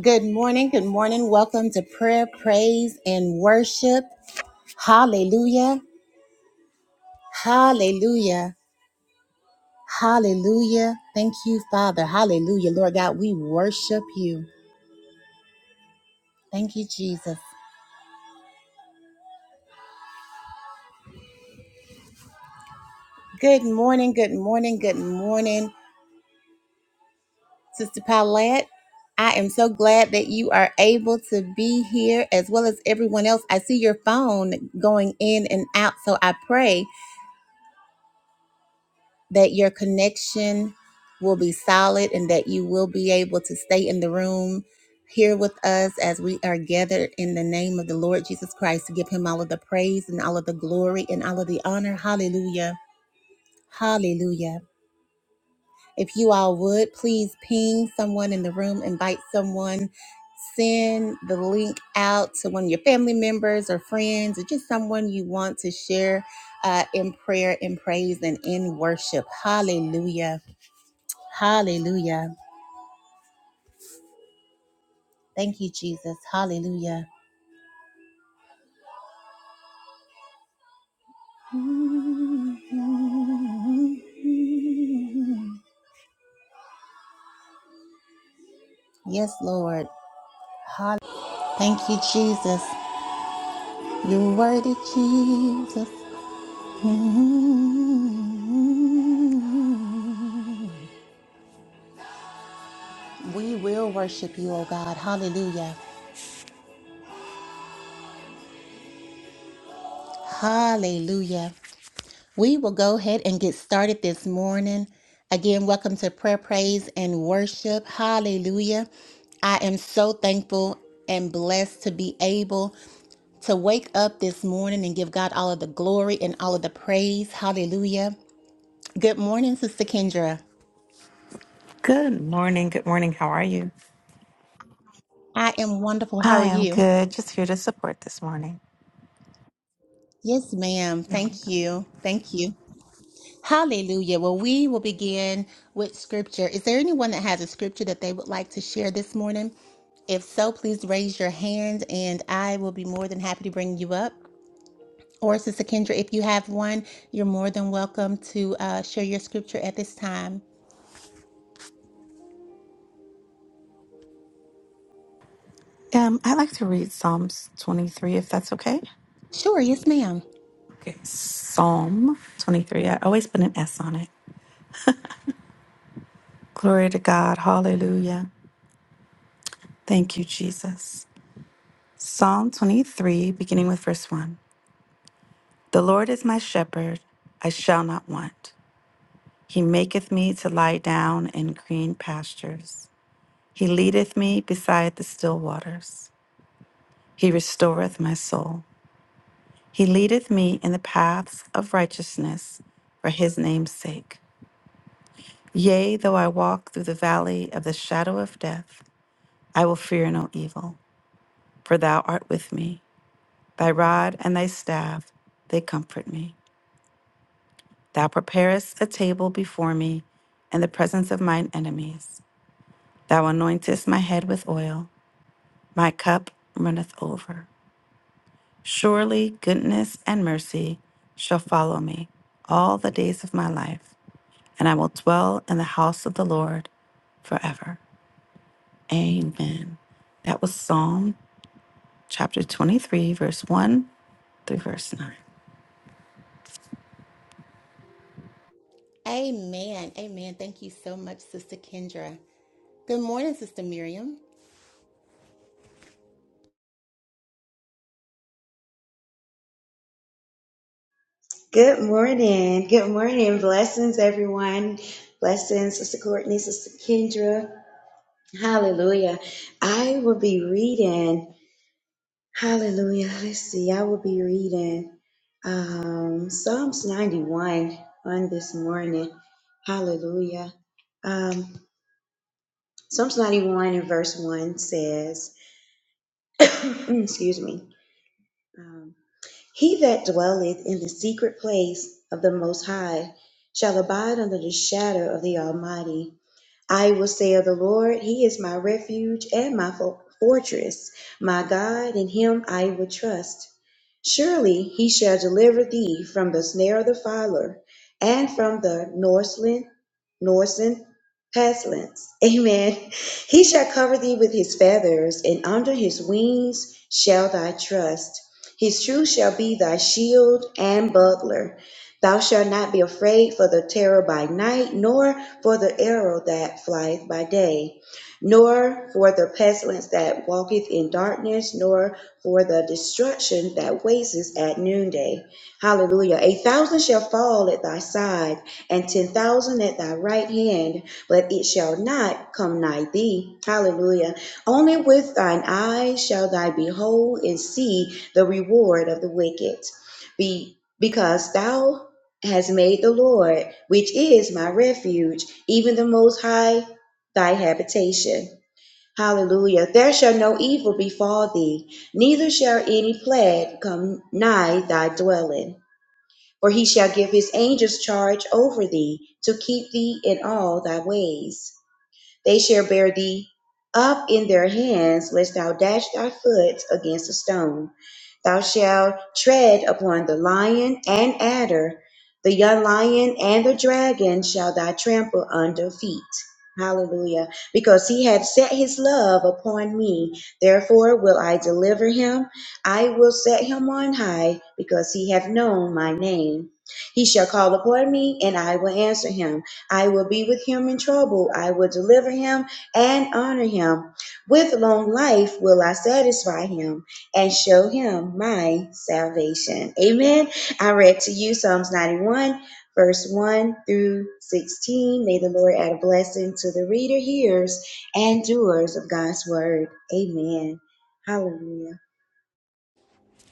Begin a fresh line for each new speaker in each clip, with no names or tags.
Good morning. Good morning. Welcome to prayer, praise, and worship. Hallelujah. Hallelujah. Hallelujah. Thank you, Father. Hallelujah. Lord God, we worship you. Thank you, Jesus. Good morning. Good morning. Good morning, Sister Paulette. I am so glad that you are able to be here as well as everyone else. I see your phone going in and out, so I pray that your connection will be solid and that you will be able to stay in the room here with us as we are gathered in the name of the Lord Jesus Christ to give him all of the praise and all of the glory and all of the honor. Hallelujah. Hallelujah. If you all would, please ping someone in the room, invite someone, send the link out to one of your family members or friends or just someone you want to share uh, in prayer, in praise, and in worship. Hallelujah. Hallelujah. Thank you, Jesus. Hallelujah. Yes, Lord. Hall- Thank you, Jesus. You're worthy, Jesus. We will worship you, oh God. Hallelujah. Hallelujah. We will go ahead and get started this morning. Again, welcome to Prayer, Praise, and Worship. Hallelujah. I am so thankful and blessed to be able to wake up this morning and give God all of the glory and all of the praise. Hallelujah. Good morning, Sister Kendra.
Good morning. Good morning. How are you?
I am wonderful. How
I
are
am
you?
good. Just here to support this morning.
Yes, ma'am.
You're
Thank
welcome.
you. Thank you. Hallelujah. Well, we will begin with scripture. Is there anyone that has a scripture that they would like to share this morning? If so, please raise your hand and I will be more than happy to bring you up. Or, Sister Kendra, if you have one, you're more than welcome to uh, share your scripture at this time.
Um, I like to read Psalms 23, if that's okay.
Sure, yes, ma'am.
Okay. Psalm 23. I always put an S on it. Glory to God. Hallelujah. Thank you, Jesus. Psalm 23, beginning with verse 1. The Lord is my shepherd. I shall not want. He maketh me to lie down in green pastures. He leadeth me beside the still waters. He restoreth my soul. He leadeth me in the paths of righteousness for his name's sake. Yea, though I walk through the valley of the shadow of death, I will fear no evil, for thou art with me. Thy rod and thy staff, they comfort me. Thou preparest a table before me in the presence of mine enemies. Thou anointest my head with oil, my cup runneth over. Surely goodness and mercy shall follow me all the days of my life and I will dwell in the house of the Lord forever. Amen. That was Psalm chapter 23, verse 1 through verse 9.
Amen. Amen. Thank you so much, Sister Kendra. Good morning, Sister Miriam.
Good morning. Good morning. Blessings, everyone. Blessings, Sister Courtney, Sister Kendra. Hallelujah. I will be reading. Hallelujah. Let's see. I will be reading um, Psalms 91 on this morning. Hallelujah. Um, Psalms 91 and verse 1 says, excuse me. um, He that dwelleth in the secret place of the Most High shall abide under the shadow of the Almighty. I will say of the Lord, He is my refuge and my fo- fortress, my God, in Him I will trust. Surely He shall deliver thee from the snare of the fowler and from the noisome Norsen Paslins. Amen. He shall cover thee with his feathers, and under his wings shall thy trust. His truth shall be thy shield and buckler. Thou shalt not be afraid for the terror by night, nor for the arrow that flieth by day, nor for the pestilence that walketh in darkness, nor for the destruction that wasteth at noonday. Hallelujah. A thousand shall fall at thy side and ten thousand at thy right hand, but it shall not come nigh thee. Hallelujah. Only with thine eyes shall thou behold and see the reward of the wicked. Be because thou hast made the Lord, which is my refuge, even the most high thy habitation. Hallelujah. There shall no evil befall thee, neither shall any plague come nigh thy dwelling. For he shall give his angels charge over thee, to keep thee in all thy ways. They shall bear thee up in their hands, lest thou dash thy foot against a stone. Thou shalt tread upon the lion and adder, the young lion and the dragon shall thou trample under feet. Hallelujah. Because he hath set his love upon me, therefore will I deliver him. I will set him on high, because he hath known my name. He shall call upon me, and I will answer him. I will be with him in trouble. I will deliver him and honor him. With long life will I satisfy him and show him my salvation. Amen. I read to you Psalms 91, verse 1 through 16. May the Lord add a blessing to the reader, hearers, and doers of God's word. Amen. Hallelujah.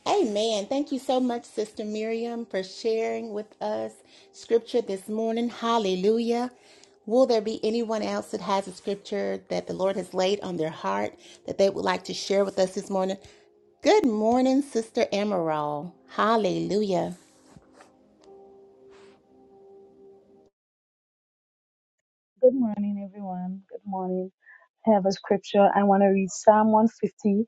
Amen. Thank you so much, Sister Miriam, for sharing with us scripture this morning. Hallelujah. Will there be anyone else that has a scripture that the Lord has laid on their heart that they would like to share with us this morning? Good morning, Sister Emerald. Hallelujah.
Good morning, everyone. Good morning. I have a scripture. I want to read Psalm 150, 150.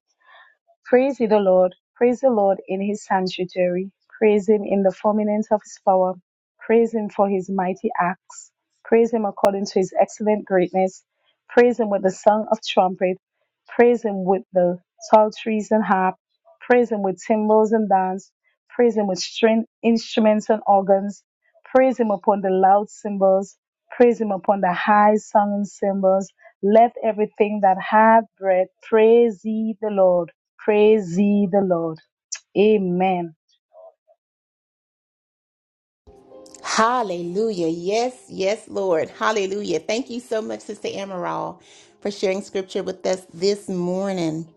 Praise ye the Lord. Praise the Lord in his sanctuary. Praise him in the firmament of his power. Praise him for his mighty acts. Praise him according to his excellent greatness. Praise him with the song of trumpet. Praise him with the psalteries and harp. Praise him with cymbals and dance. Praise him with string instruments and organs. Praise him upon the loud cymbals. Praise him upon the high sounding cymbals. Let everything that hath breath praise ye the Lord. Praise ye the Lord. Amen.
Hallelujah. Yes, yes, Lord. Hallelujah. Thank you so much, Sister Emerald, for sharing scripture with us this morning.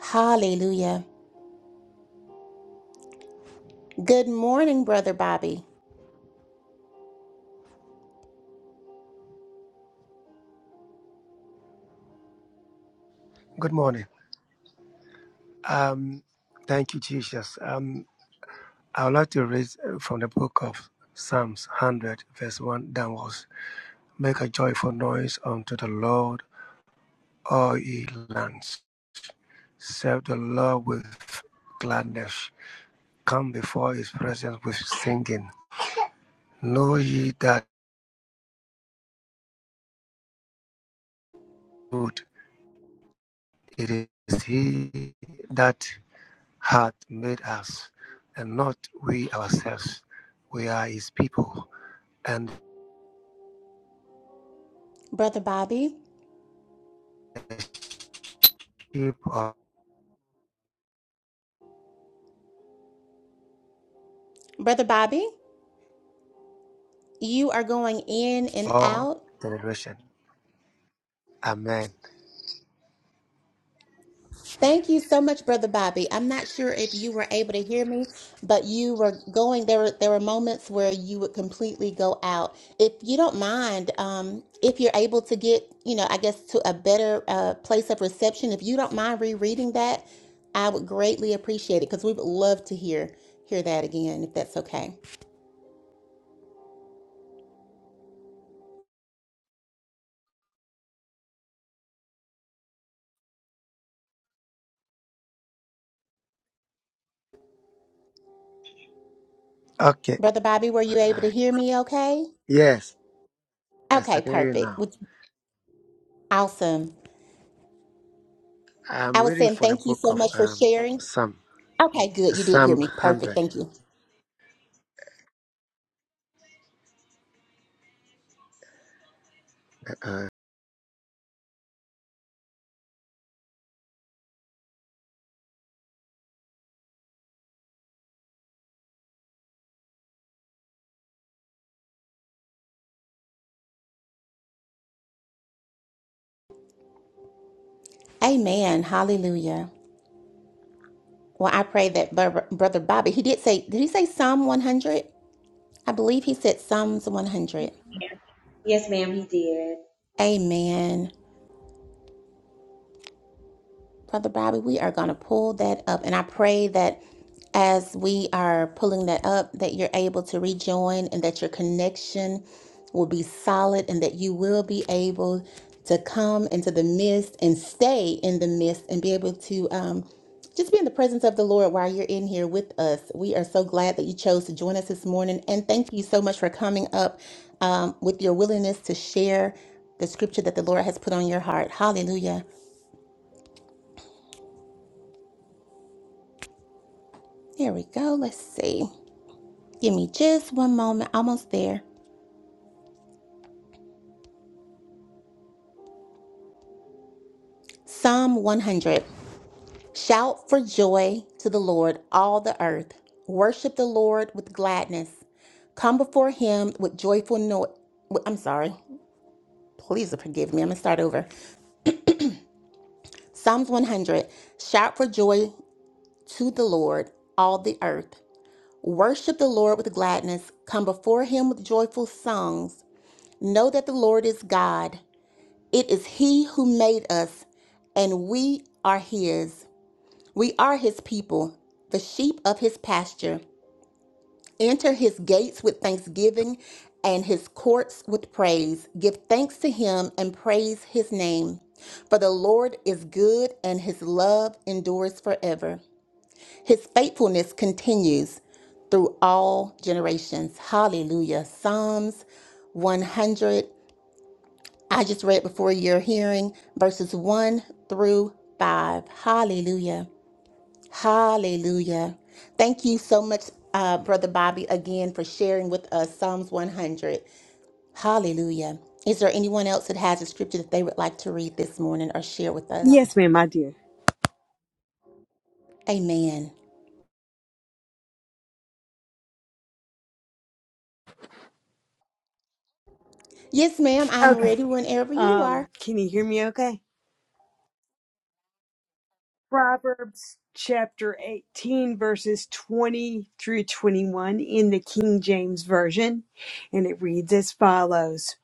Hallelujah. Good morning, Brother Bobby.
Good morning. Um, thank you, Jesus. Um, I would like to read uh, from the book of Psalms 100, verse 1 downwards. Make a joyful noise unto the Lord, all ye lands. Serve the Lord with gladness. Come before his presence with singing. Know ye that good it is he that hath made us, and not we ourselves. We are his people and
Brother Bobby.
sheep of
Brother Bobby, you are going in and
all
out.
generation. Amen.
Thank you so much, Brother Bobby. I'm not sure if you were able to hear me, but you were going. There were there were moments where you would completely go out. If you don't mind, um, if you're able to get, you know, I guess to a better uh, place of reception, if you don't mind rereading that, I would greatly appreciate it because we would love to hear hear that again, if that's okay.
Okay.
Brother Bobby, were
My
you able to
line.
hear me? Okay.
Yes, yes, I
Okay.
can hear you
Perfect.
now.
Which awesome.
I'm
I was
reading
saying
from the
thank you
book
so
of
much for
um,
sharing.
Psalm,
Okay, good. You did hear
Psalm
me. Perfect.
100.
Thank you. Amen. Hallelujah. Well, I pray that Bur- Brother Bobby, he did say, did he say Psalm 100? I believe he said Psalms 100.
Yes, ma'am, he did.
Amen. Brother Bobby, we are going to pull that up. And I pray that as we are pulling that up, that you're able to rejoin and that your connection will be solid and that you will be able to come into the midst and stay in the midst and be able to um, just be in the presence of the Lord while you're in here with us. We are so glad that you chose to join us this morning. And thank you so much for coming up um, with your willingness to share the scripture that the Lord has put on your heart. Hallelujah. There we go. Let's see. Give me just one moment. Almost there. Psalm 100. Shout for joy to the Lord, all the earth. Worship the Lord with gladness. Come before him with joyful noise. I'm sorry. Please forgive me. I'm going to start over. Psalms 100. Shout for joy to the Lord, all the earth. Worship the Lord with gladness. Come before him with joyful songs. Know that the Lord is God. It is He who made us, and we are His. We are His people, the sheep of His pasture. Enter His gates with thanksgiving and His courts with praise. Give thanks to Him and praise His name. For the Lord is good, and His love endures forever. His faithfulness continues through all generations. Hallelujah. Psalms 100. I just read before your hearing verses 1 through 5. Hallelujah. Hallelujah. Thank you so much, uh, Brother Bobby, again for sharing with us Psalms 100. Hallelujah. Is there anyone else that has a scripture that they would like to read this morning or share with us?
Yes, ma'am, I do.
Amen. Yes, ma'am. I'm
Okay.
ready whenever you are.
Um, can you hear me okay? Proverbs chapter 18, verses 20 through 21 in the King James Version, and it reads as follows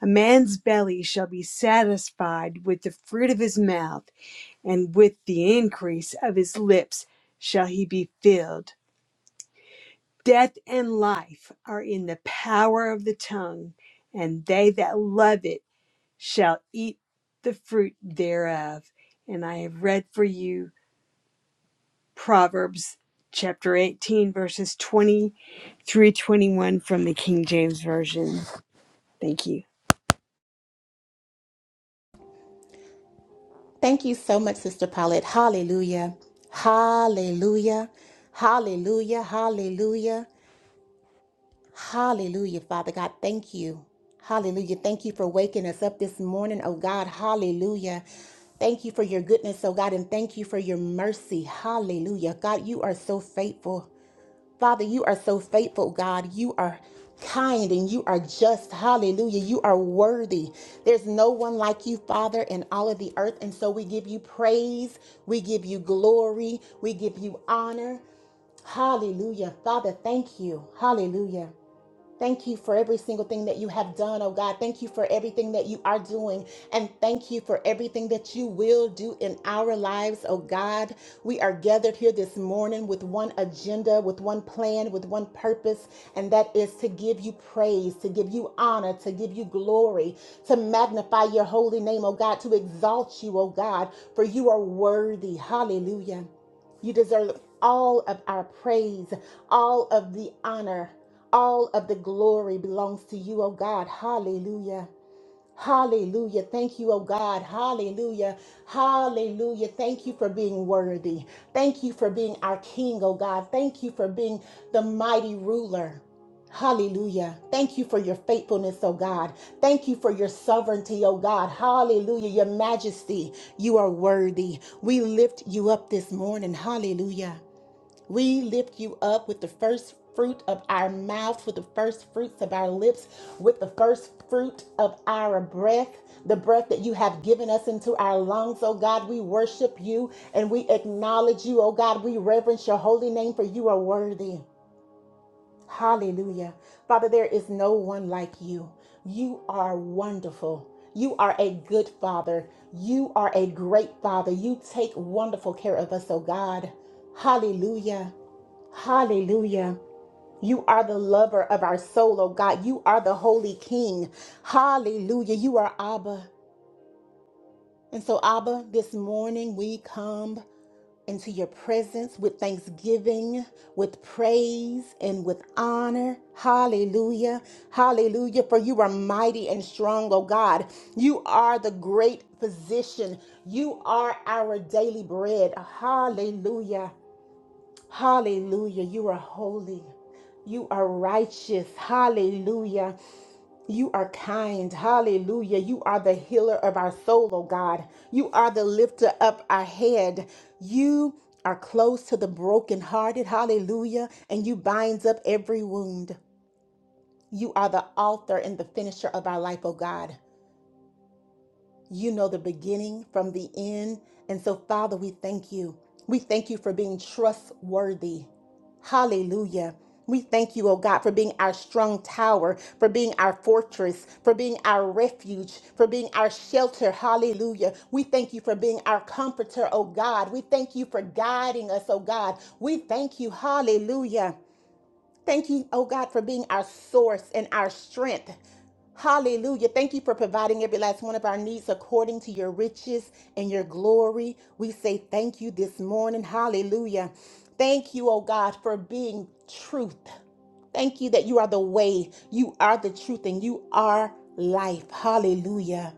A man's belly shall be satisfied with the fruit of his mouth, and with the increase of his lips shall he be filled. Death and life are in the power of the tongue, and they that love it. shall eat the fruit thereof. And I have read for you Proverbs chapter 18, verses 20 through 21 from the King James Version. Thank you.
Thank you so much, Sister Paulette. Hallelujah. Hallelujah. Hallelujah. Hallelujah. Hallelujah, Father God. Thank you. Hallelujah. Thank you for waking us up this morning, oh God. Hallelujah. Thank you for your goodness, oh God, and thank you for your mercy. Hallelujah. God, you are so faithful. Father, you are so faithful, God. You are kind and you are just. Hallelujah. You are worthy. There's no one like you, Father, in all of the earth. And so we give you praise. We give you glory. We give you honor. Hallelujah. Father, thank you. Hallelujah. Thank you for every single thing that you have done, oh God. Thank you for everything that you are doing. And thank you for everything that you will do in our lives, oh God. We are gathered here this morning with one agenda, with one plan, with one purpose, and that is to give you praise, to give you honor, to give you glory, to magnify your holy name, oh God, to exalt you, oh God, for you are worthy. Hallelujah. You deserve all of our praise, all of the honor. All of the glory belongs to you, oh God. Hallelujah. Hallelujah. Thank you, oh God. Hallelujah. Hallelujah. Thank you for being worthy. Thank you for being our King, oh God. Thank you for being the mighty ruler. Hallelujah. Thank you for your faithfulness, oh God. Thank you for your sovereignty, oh God. Hallelujah. Your majesty, you are worthy. We lift you up this morning. Hallelujah. We lift you up with the first fruit of our mouth, with the first fruits of our lips, with the first fruit of our breath, the breath that you have given us into our lungs, oh God. We worship you and we acknowledge you, oh God. We reverence your holy name for you are worthy. Hallelujah. Father, there is no one like you. You are wonderful. You are a good father. You are a great father. You take wonderful care of us, oh God. Hallelujah. Hallelujah. You are the lover of our soul, oh God. You are the holy king. Hallelujah. You are Abba. And so, Abba, this morning we come into your presence with thanksgiving, with praise, and with honor. Hallelujah. Hallelujah. For you are mighty and strong, oh God. You are the great physician. You are our daily bread. Hallelujah. Hallelujah. You are holy. You are righteous. Hallelujah. You are kind. Hallelujah. You are the healer of our soul, oh God. You are the lifter up our head. You are close to the brokenhearted. Hallelujah. And you binds up every wound. You are the author and the finisher of our life, oh God. You know the beginning from the end. And so, Father, we thank you. We thank you for being trustworthy. Hallelujah. We thank you, oh God, for being our strong tower, for being our fortress, for being our refuge, for being our shelter. Hallelujah. We thank you for being our comforter, oh God. We thank you for guiding us, oh God. We thank you. Hallelujah. Thank you, oh God, for being our source and our strength. Hallelujah. Thank you for providing every last one of our needs according to your riches and your glory. We say thank you this morning. Hallelujah. Thank you, oh God, for being truth. Thank you that you are the way, you are the truth, and you are life. Hallelujah.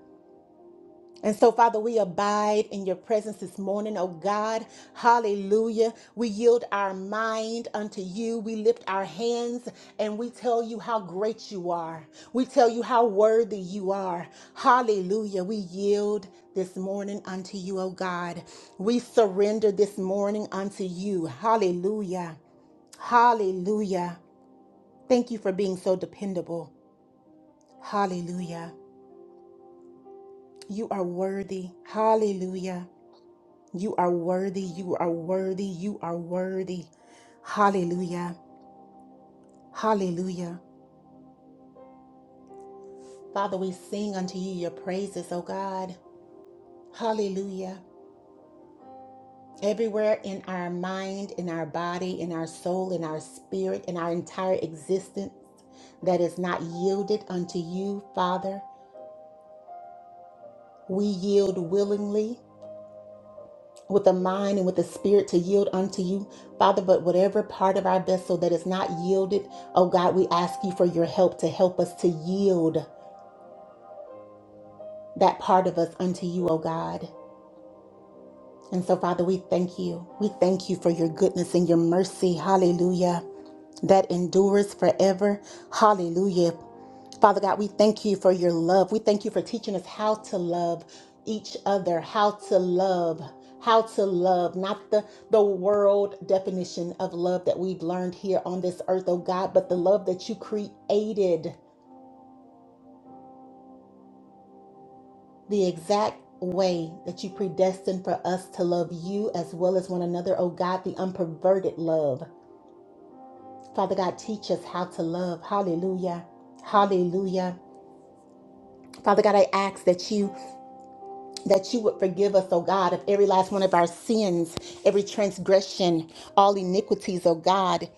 And so, Father, we abide in your presence this morning, oh God. Hallelujah. We yield our mind unto you. We lift our hands and we tell you how great you are. We tell you how worthy you are. Hallelujah. We yield this morning unto you, oh God. We surrender this morning unto you. Hallelujah. Hallelujah. Thank you for being so dependable. Hallelujah. You are worthy. Hallelujah. You are worthy. You are worthy. You are worthy. Hallelujah. Hallelujah. Father, we sing unto you your praises, O God. Hallelujah. Everywhere in our mind, in our body, in our soul, in our spirit, in our entire existence that is not yielded unto you, Father, we yield willingly with the mind and with the spirit to yield unto you, Father. But whatever part of our vessel that is not yielded, oh God, we ask you for your help to help us to yield that part of us unto you, oh God. And so, Father, we thank you. We thank you for your goodness and your mercy. Hallelujah. That endures forever. Hallelujah. Father God, we thank you for your love. We thank you for teaching us how to love each other, how to love, how to love, not the, the world definition of love that we've learned here on this earth, oh God, but the love that you created, the exact way that you predestined for us to love you as well as one another, oh God, the unperverted love. Father God, teach us how to love. Hallelujah. Hallelujah. Father God, I ask that you that you would forgive us, oh God, of every last one of our sins, every transgression, all iniquities, oh God,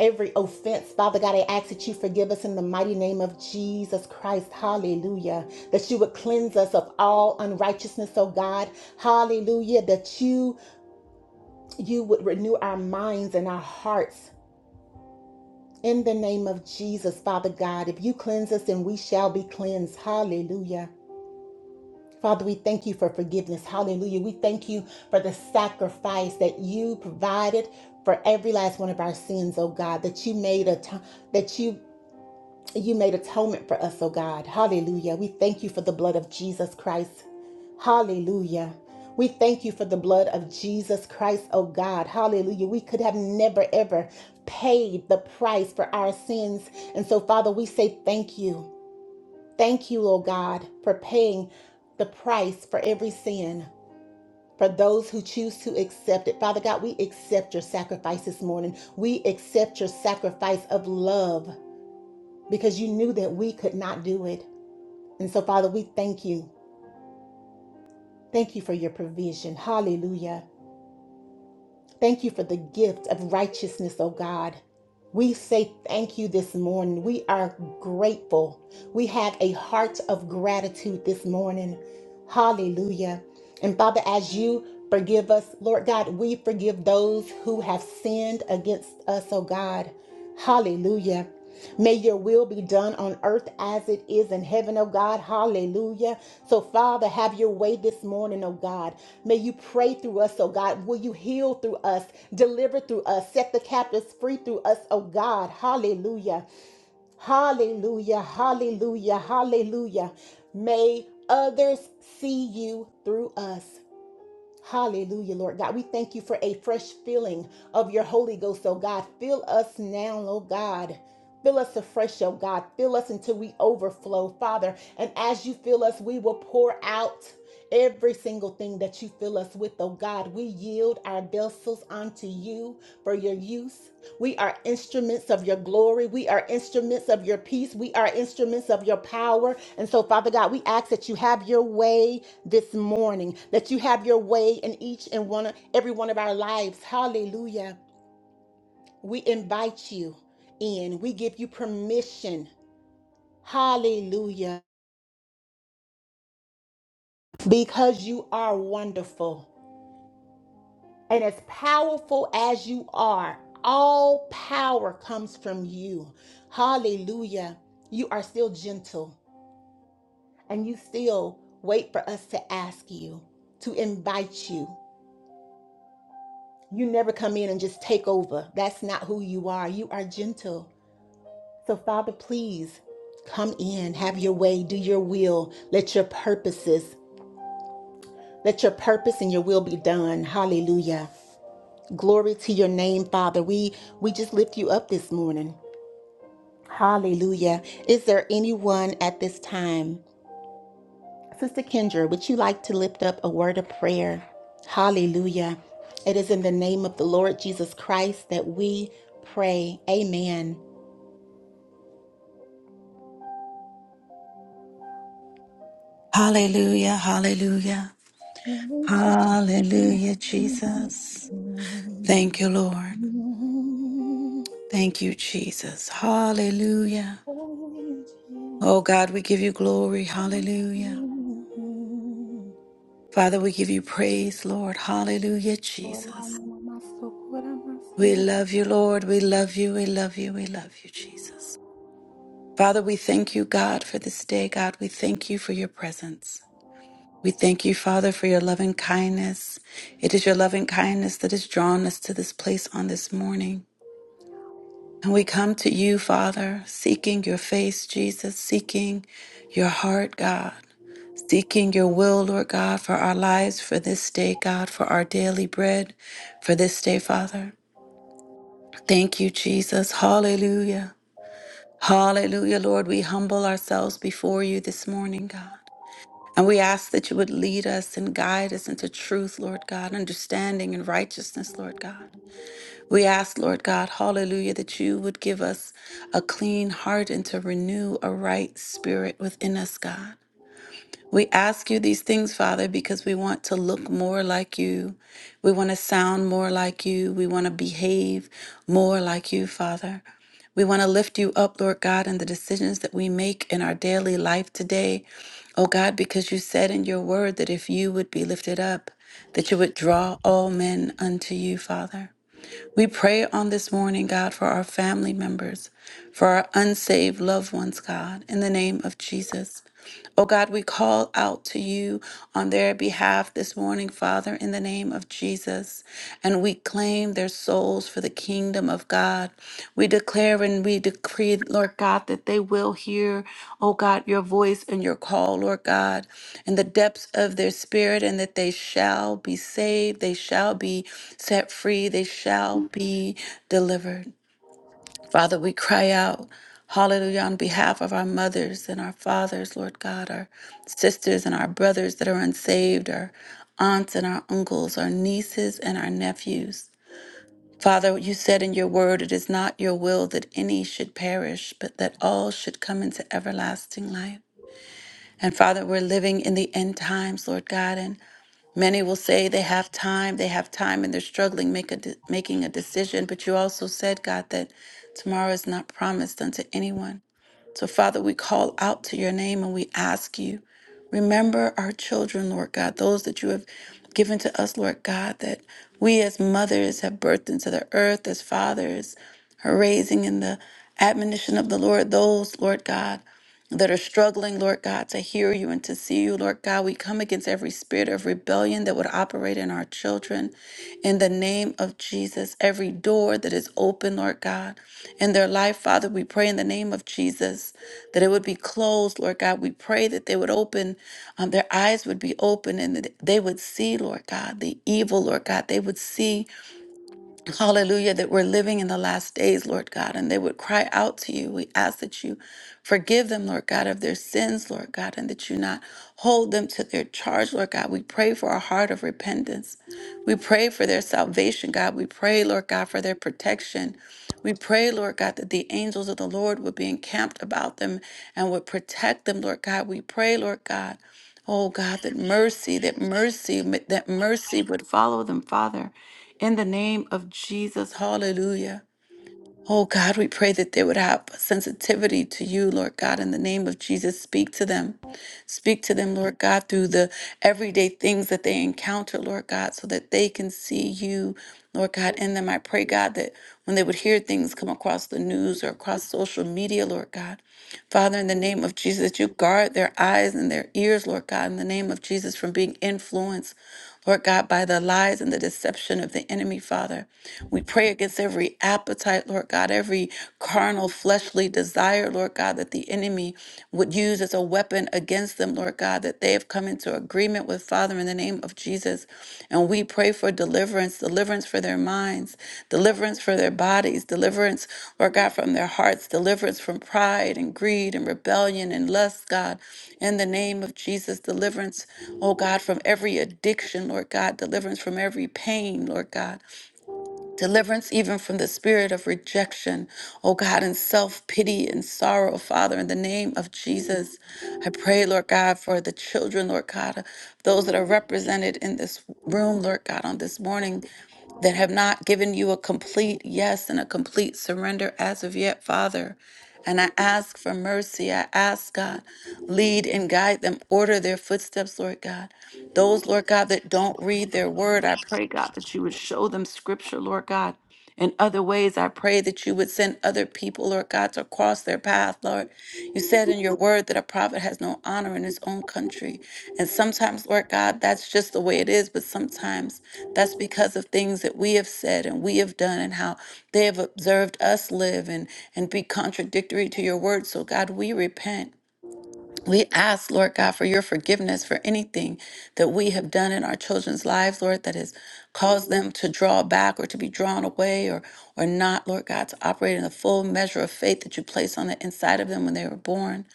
every offense. Father God, I ask that you forgive us in the mighty name of Jesus Christ. Hallelujah. That you would cleanse us of all unrighteousness, oh God. Hallelujah. That you you would renew our minds and our hearts. In the name of Jesus, Father God, if you cleanse us, then we shall be cleansed. Hallelujah. Father, we thank you for forgiveness. Hallelujah. We thank you for the sacrifice that you provided for every last one of our sins, oh God, that you made a t- that you you made atonement for us, oh God. Hallelujah. We thank you for the blood of Jesus Christ. Hallelujah. We thank you for the blood of Jesus Christ, oh God. Hallelujah. We could have never ever paid the price for our sins. And so, Father, we say thank you. Thank you, Lord God, for paying the price for every sin. For those who choose to accept it. Father God, we accept your sacrifice this morning. We accept your sacrifice of love because you knew that we could not do it. And so, Father, we thank you. Thank you for your provision. Hallelujah. Thank you for the gift of righteousness, O God. We say thank you this morning. We are grateful. We have a heart of gratitude this morning. Hallelujah. And Father, as you forgive us, Lord God, we forgive those who have sinned against us, O God. Hallelujah. May your will be done on earth as it is in heaven, oh God. Hallelujah. So, Father, have your way this morning, oh God. May you pray through us, oh God. Will you heal through us, deliver through us, set the captives free through us, oh God. Hallelujah. Hallelujah. Hallelujah. Hallelujah. May others see you through us. Hallelujah, Lord God. We thank you for a fresh filling of your Holy Ghost, oh God. Fill us now, oh God. Fill us afresh, oh God. Fill us until we overflow, Father. And as you fill us, we will pour out every single thing that you fill us with, oh God. We yield our vessels unto you for your use. We are instruments of your glory. We are instruments of your peace. We are instruments of your power. And so, Father God, we ask that you have your way this morning, that you have your way in each and one of every one of our lives. Hallelujah. We invite you in. We give you permission. Hallelujah. Because you are wonderful. And as powerful as you are, all power comes from you. Hallelujah. You are still gentle and you still wait for us to ask you, to invite you. You never come in and just take over. That's not who you are. You are gentle. So, Father, please come in, have your way, do your will. Let your purposes, let your purpose and your will be done. Hallelujah. Glory to your name, Father. We we just lift you up this morning. Hallelujah. Is there anyone at this time? Sister Kendra, would you like to lift up a word of prayer? Hallelujah. It is in the name of the Lord Jesus Christ that we pray. Amen.
Hallelujah, hallelujah,
Amen.
hallelujah, Jesus. Thank you, Lord. Thank you, Jesus. Hallelujah. Oh God, we give you glory. Hallelujah. Father, we give you praise, Lord. Hallelujah, Jesus. We love you, Lord. We love you. We love you. We love you, Jesus. Father, we thank you, God, for this day. God, we thank you for your presence. We thank you, Father, for your loving kindness. It is your loving kindness that has drawn us to this place on this morning. And we come to you, Father, seeking your face, Jesus, seeking your heart, God, seeking your will, Lord God, for our lives, for this day, God, for our daily bread, for this day, Father. Thank you, Jesus. Hallelujah. Hallelujah, Lord. We humble ourselves before you this morning, God. And we ask that you would lead us and guide us into truth, Lord God, understanding and righteousness, Lord God. We ask, Lord God, hallelujah, that you would give us a clean heart and to renew a right spirit within us, God. We ask you these things, Father, because we want to look more like you. We want to sound more like you. We want to behave more like you, Father. We want to lift you up, Lord God, in the decisions that we make in our daily life today. Oh God, because you said in your word that if you would be lifted up, that you would draw all men unto you, Father. We pray on this morning, God, for our family members, for our unsaved loved ones, God, in the name of Jesus. Oh God, we call out to you on their behalf this morning, Father, in the name of Jesus. And we claim their souls for the kingdom of God. We declare and we decree, Lord God, that they will hear, oh God, your voice and your call, Lord God, in the depths of their spirit, and that they shall be saved, they shall be set free, they shall be delivered. Father, we cry out, hallelujah, on behalf of our mothers and our fathers, Lord God, our sisters and our brothers that are unsaved, our aunts and our uncles, our nieces and our nephews. Father, you said in your word, it is not your will that any should perish, but that all should come into everlasting life. And Father, we're living in the end times, Lord God, and Many will say they have time, they have time, and they're struggling make a de- making a decision. But you also said, God, that tomorrow is not promised unto anyone. So, Father, we call out to your name and we ask you, remember our children, Lord God, those that you have given to us, Lord God, that we as mothers have birthed into the earth, as fathers are raising in the admonition of the Lord, those, Lord God that are struggling, Lord God, to hear you and to see you, Lord God. We come against every spirit of rebellion that would operate in our children. In the name of Jesus, every door that is open, Lord God, in their life, Father, we pray in the name of Jesus that it would be closed, Lord God. We pray that they would open, um, their eyes would be open and that they would see, Lord God, the evil, Lord God. They would see Hallelujah, that we're living in the last days, Lord God, and they would cry out to you. We ask that you forgive them, Lord God, of their sins, Lord God, and that you not hold them to their charge, Lord God. We pray for a heart of repentance. We pray for their salvation, God. We pray, Lord God, for their protection. We pray, Lord God, that the angels of the Lord would be encamped about them and would protect them, Lord God. We pray, Lord God. Oh God, that mercy, that mercy, that mercy would follow them, Father. In the name of Jesus, hallelujah. Oh God, we pray that they would have sensitivity to you, Lord God, in the name of Jesus. Speak to them. Speak to them, Lord God, through the everyday things that they encounter, Lord God, so that they can see you, Lord God, in them. I pray, God, that when they would hear things come across the news or across social media, Lord God, Father, in the name of Jesus, that you guard their eyes and their ears, Lord God, in the name of Jesus, from being influenced. Lord God, by the lies and the deception of the enemy, Father. We pray against every appetite, Lord God, every carnal, fleshly desire, Lord God, that the enemy would use as a weapon against them, Lord God, that they have come into agreement with, Father, in the name of Jesus. And we pray for deliverance, deliverance for their minds, deliverance for their bodies, deliverance, Lord God, from their hearts, deliverance from pride and greed and rebellion and lust, God. In the name of Jesus, deliverance, oh God, from every addiction, Lord God, deliverance from every pain, Lord God. Deliverance even from the spirit of rejection, oh God, and self pity and sorrow, Father, in the name of Jesus. I pray, Lord God, for the children, Lord God, those that are represented in this room, Lord God, on this morning that have not given you a complete yes and a complete surrender as of yet, Father. And I ask for mercy. I ask, God, lead and guide them, order their footsteps, Lord God. Those, Lord God, that don't read their word, I pray, God, that you would show them scripture, Lord God. In other ways, I pray that you would send other people, Lord God, to cross their path, Lord. You said in your word that a prophet has no honor in his own country. And sometimes, Lord God, that's just the way it is, but sometimes that's because of things that we have said and we have done and how they have observed us live and, and be contradictory to your word. So, God, we repent. We ask, Lord God, for your forgiveness for anything that we have done in our children's lives, Lord, that has caused them to draw back or to be drawn away or or not, Lord God, to operate in the full measure of faith that you placed on the inside of them when they were born.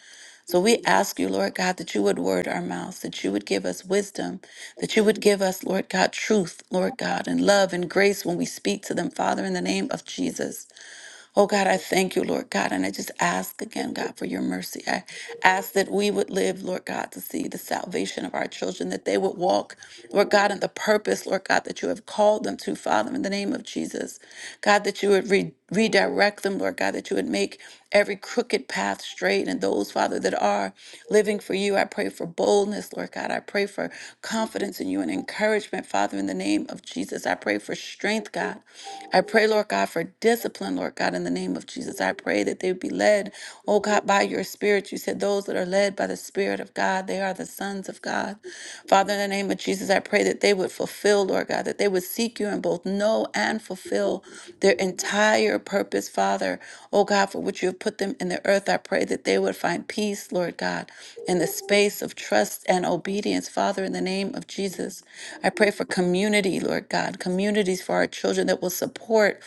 So we ask you, Lord God, that you would word our mouths, that you would give us wisdom, that you would give us, Lord God, truth, Lord God, and love and grace when we speak to them, Father, in the name of Jesus. Oh God, I thank you, Lord God. And I just ask again, God, for your mercy. I ask that we would live, Lord God, to see the salvation of our children, that they would walk, Lord God, in the purpose, Lord God, that you have called them to, Father, in the name of Jesus. God, that you would re- redirect them, Lord God, that you would make every crooked path straight. And those, Father, that are living for you, I pray for boldness, Lord God. I pray for confidence in you and encouragement, Father, in the name of Jesus. I pray for strength, God. I pray, Lord God, for discipline, Lord God, in the name of Jesus. I pray that they would be led, oh God, by your spirit. You said those that are led by the spirit of God, they are the sons of God. Father, in the name of Jesus, I pray that they would fulfill, Lord God, that they would seek you and both know and fulfill their entire purpose, Father. Oh God, for which you have put them in the earth, I pray that they would find peace, Lord God, in the space of trust and obedience, Father, in the name of Jesus. I pray for community, Lord God, communities for our children that will support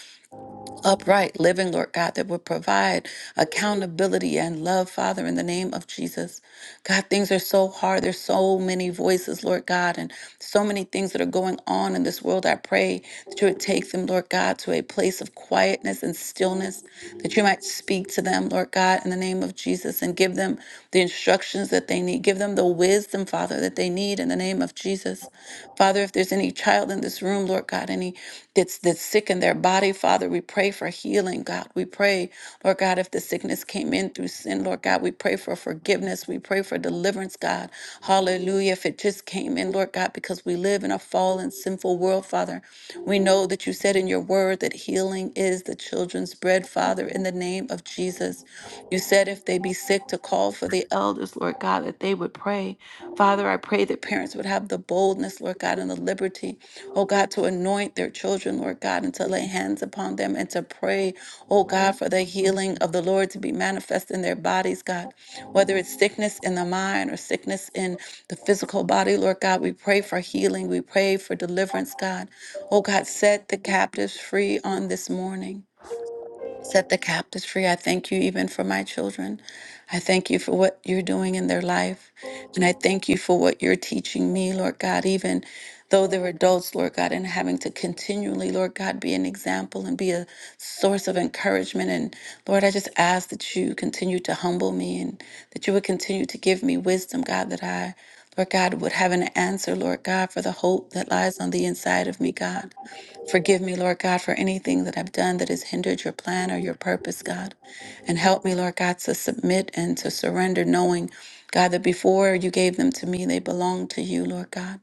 upright living, Lord God, that would provide accountability and love, Father, in the name of Jesus. God, things are so hard. There's so many voices, Lord God, and so many things that are going on in this world. I pray that you would take them, Lord God, to a place of quietness and stillness, that you might speak to them, Lord God, in the name of Jesus, and give them the instructions decisions that they need. Give them the wisdom, Father, that they need in the name of Jesus. Father, if there's any child in this room, Lord God, any that's that's sick in their body, Father, we pray for healing, God. We pray, Lord God, if the sickness came in through sin, Lord God, we pray for forgiveness. We pray for deliverance, God. Hallelujah. If it just came in, Lord God, because we live in a fallen, sinful world, Father, we know that you said in your word that healing is the children's bread, Father, in the name of Jesus. You said if they be sick, to call for the elders, Lord God, that they would pray. Father, I pray that parents would have the boldness, Lord God, and the liberty, oh God, to anoint their children, Lord God, and to lay hands upon them and to pray, oh God, for the healing of the Lord to be manifest in their bodies, God. Whether it's sickness in the mind or sickness in the physical body, Lord God, we pray for healing. We pray for deliverance, God. Oh God, set the captives free on this morning. Set the captives free. I thank you even for my children. I thank you for what you're doing in their life. And I thank you for what you're teaching me, Lord God, even though they're adults, Lord God, and having to continually, Lord God, be an example and be a source of encouragement. And Lord, I just ask that you continue to humble me and that you would continue to give me wisdom, God, that I, Lord God, would have an answer, Lord God, for the hope that lies on the inside of me, God. Forgive me, Lord God, for anything that I've done that has hindered your plan or your purpose, God. And help me, Lord God, to submit and to surrender, knowing, God, that before you gave them to me, they belonged to you, Lord God.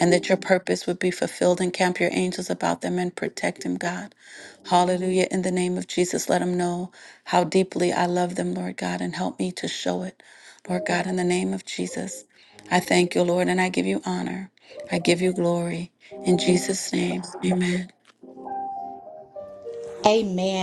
And that your purpose would be fulfilled and camp your angels about them and protect them, God. Hallelujah. In the name of Jesus, let them know how deeply I love them, Lord God, and help me to show it, Lord God, in the name of Jesus. I thank you, Lord, and I give you honor. I give you glory. In Jesus' name, amen.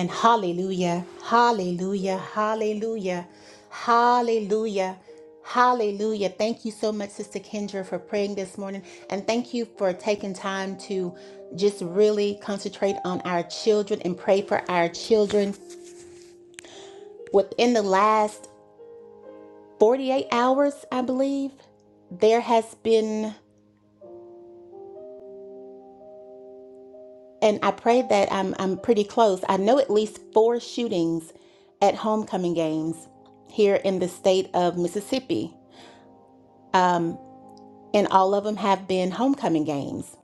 Hallelujah. Hallelujah. Hallelujah. Hallelujah. Hallelujah. Thank you so much, Sister Kendra, for praying this morning. And thank you for taking time to just really concentrate on our children and pray for our children. Within the last 48 hours, I believe, there has been, and I pray that I'm, I'm pretty close. I know at least four shootings at homecoming games here in the state of Mississippi. Um, and all of them have been homecoming games.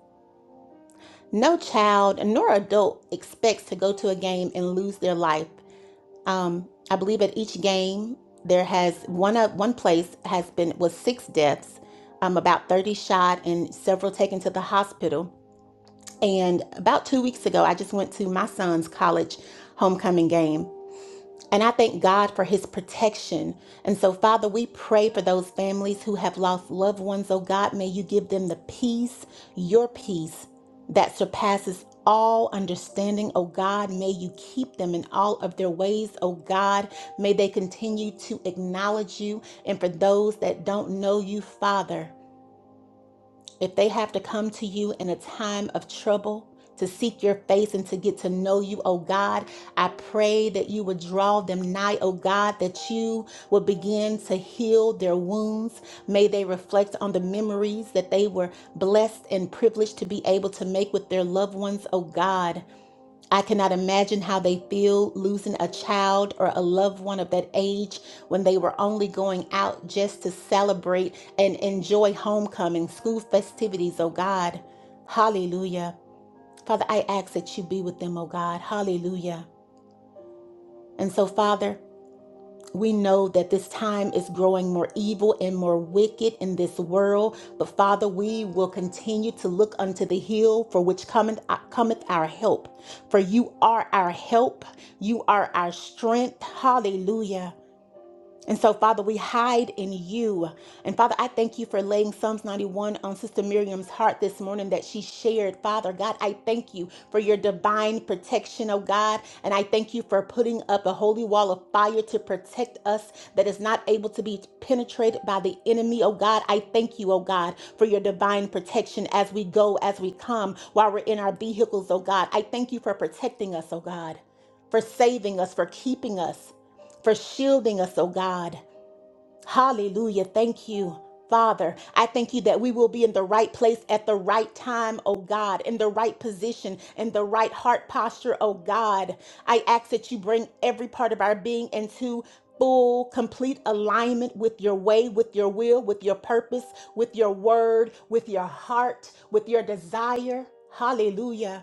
No child nor adult expects to go to a game and lose their life. Um, I believe at each game there has one up one place has been was six deaths, um, about 30 shot and several taken to the hospital And about two weeks ago, I just went to my son's college homecoming game. And I thank God for his protection. And so, Father, we pray for those families who have lost loved ones. Oh God, may you give them the peace, your peace that surpasses all understanding. Oh God, may you keep them in all of their ways. Oh God, may they continue to acknowledge you. And for those that don't know you, Father, if they have to come to you in a time of trouble, to seek your face and to get to know you, oh God, I pray that you would draw them nigh, oh God, that you would begin to heal their wounds. May they reflect on the memories that they were blessed and privileged to be able to make with their loved ones, oh God. I cannot imagine how they feel losing a child or a loved one of that age when they were only going out just to celebrate and enjoy homecoming, school festivities, oh God. Hallelujah. Father, I ask that you be with them, oh God. Hallelujah. And so, Father, we know that this time is growing more evil and more wicked in this world. But Father, we will continue to look unto the hill for which cometh, uh, cometh our help. For you are our help, you are our strength. Hallelujah. And so, Father, we hide in you. And Father, I thank you for laying Psalms 91 on Sister Miriam's heart this morning that she shared. Father, God, I thank you for your divine protection, oh God. And I thank you for putting up a holy wall of fire to protect us that is not able to be penetrated by the enemy, oh God. I thank you, oh God, for your divine protection as we go, as we come, while we're in our vehicles, oh God. I thank you for protecting us, oh God, for saving us, for keeping us for shielding us, oh God. Hallelujah. Thank you. Father, I thank you that we will be in the right place at the right time, oh God, in the right position, in the right heart posture, oh God. I ask that you bring every part of our being into full, complete alignment with your way, with your will, with your purpose, with your word, with your heart, with your desire. Hallelujah.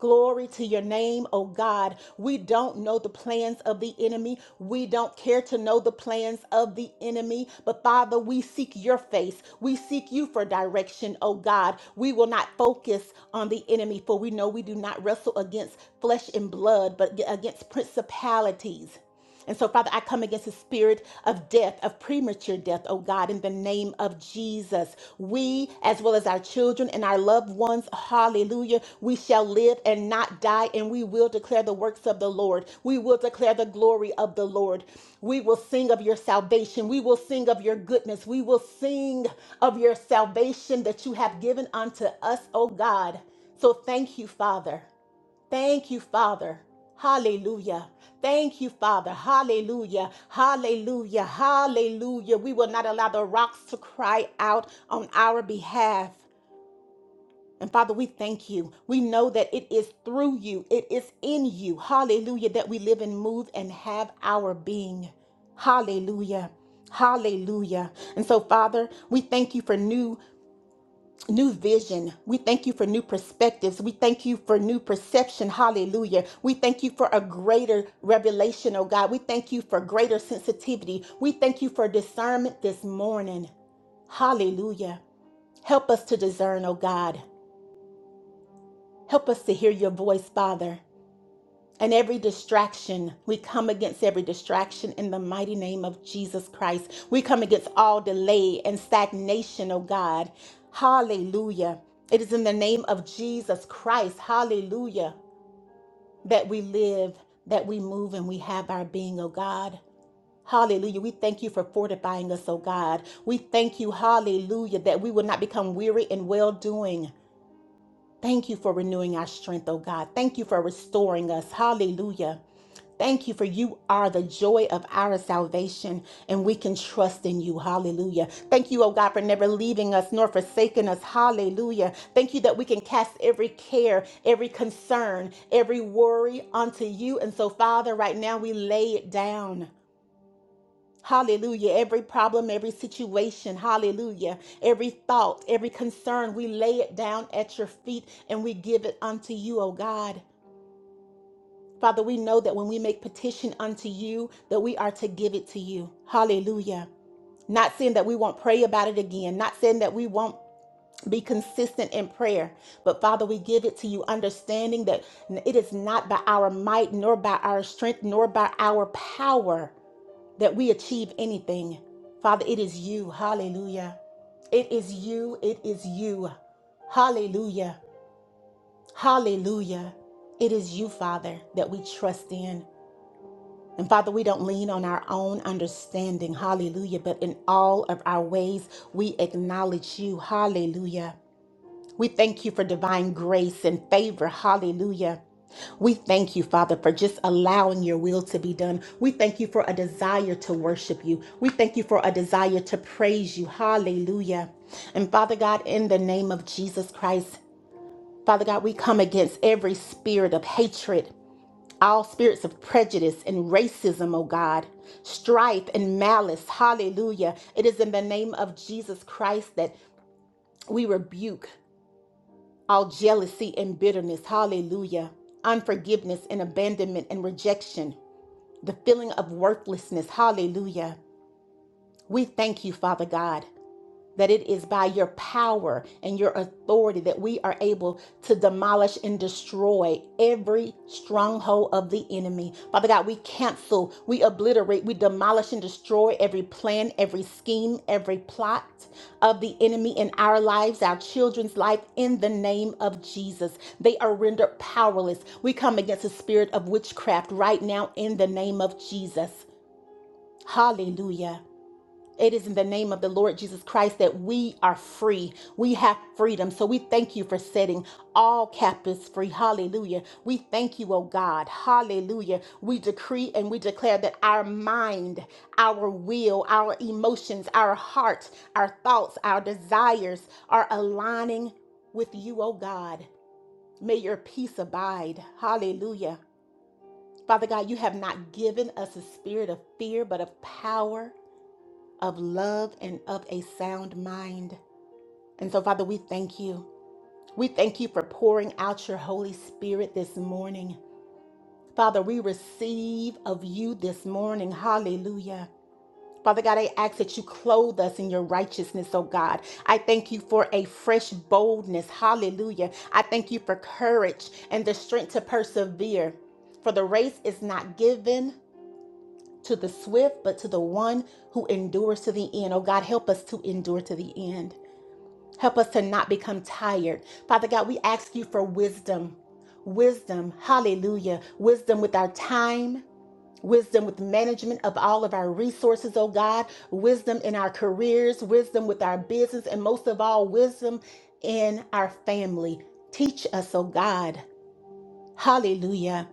Glory to your name, oh God. We don't know the plans of the enemy. We don't care to know the plans of the enemy. But Father, we seek your face. We seek you for direction, oh God. We will not focus on the enemy, for we know we do not wrestle against flesh and blood, but against principalities and so, Father, I come against the spirit of death, of premature death, oh God, in the name of Jesus. We, as well as our children and our loved ones, hallelujah, we shall live and not die, and we will declare the works of the Lord. We will declare the glory of the Lord. We will sing of your salvation. We will sing of your goodness. We will sing of your salvation that you have given unto us, oh God. So, thank you, Father. Thank you, Father. Hallelujah. Thank you, Father. Hallelujah. Hallelujah. Hallelujah. We will not allow the rocks to cry out on our behalf. And Father, we thank you. We know that it is through you, it is in you. Hallelujah. That we live and move and have our being. Hallelujah. Hallelujah. And so, Father, we thank you for new New vision. We thank you for new perspectives. We thank you for new perception. Hallelujah. We thank you for a greater revelation, oh God. We thank you for greater sensitivity. We thank you for discernment this morning. Hallelujah. Help us to discern, oh God. Help us to hear your voice, Father and every distraction. We come against every distraction in the mighty name of Jesus Christ. We come against all delay and stagnation, oh God. Hallelujah. It is in the name of Jesus Christ, hallelujah, that we live, that we move, and we have our being, oh God. Hallelujah. We thank you for fortifying us, oh God. We thank you, hallelujah, that we will not become weary in well doing. Thank you for renewing our strength, oh God. Thank you for restoring us. Hallelujah. Thank you for you are the joy of our salvation, and we can trust in you. Hallelujah. Thank you, oh God, for never leaving us nor forsaking us. Hallelujah. Thank you that we can cast every care, every concern, every worry onto you. And so, Father, right now we lay it down. Hallelujah. Every problem, every situation, hallelujah. Every thought, every concern, we lay it down at your feet and we give it unto you, O God. Father, we know that when we make petition unto you, that we are to give it to you. Hallelujah. Not saying that we won't pray about it again, not saying that we won't be consistent in prayer, but Father, we give it to you, understanding that it is not by our might, nor by our strength, nor by our power that we achieve anything. Father, it is you. Hallelujah. It is you. It is you. Hallelujah. Hallelujah. It is you, Father, that we trust in. And Father, we don't lean on our own understanding. Hallelujah. But in all of our ways, we acknowledge you. Hallelujah. We thank you for divine grace and favor. Hallelujah. We thank you, Father, for just allowing your will to be done. We thank you for a desire to worship you. We thank you for a desire to praise you. Hallelujah. And Father God, in the name of Jesus Christ, Father God, we come against every spirit of hatred, all spirits of prejudice and racism, oh God, strife and malice. Hallelujah. It is in the name of Jesus Christ that we rebuke all jealousy and bitterness. Hallelujah. Unforgiveness and abandonment and rejection the feeling of worthlessness. Hallelujah. We thank you, Father God, that it is by your power and your authority that we are able to demolish and destroy every stronghold of the enemy. Father God, we cancel, we obliterate, we demolish and destroy every plan, every scheme, every plot of the enemy in our lives, our children's life, in the name of Jesus. They are rendered powerless. We come against the spirit of witchcraft right now in the name of Jesus. Hallelujah. It is in the name of the Lord Jesus Christ that we are free. We have freedom. So we thank you for setting all captives free. Hallelujah. We thank you, oh God. Hallelujah. We decree and we declare that our mind, our will, our emotions, our heart, our thoughts, our desires are aligning with you, oh God. May your peace abide. Hallelujah. Father God, you have not given us a spirit of fear, but of power of love and of a sound mind. And so, Father, we thank you. We thank you for pouring out your Holy Spirit this morning. Father, we receive of you this morning. Hallelujah. Father God, I ask that you clothe us in your righteousness, oh God. I thank you for a fresh boldness. Hallelujah. I thank you for courage and the strength to persevere. For the race is not given to the swift, but to the one who endures to the end. Oh God, help us to endure to the end. Help us to not become tired. Father God, we ask you for wisdom. Wisdom, hallelujah. Wisdom with our time, wisdom with management of all of our resources, oh God. Wisdom in our careers, wisdom with our business, and most of all, wisdom in our family. Teach us, oh God. Hallelujah.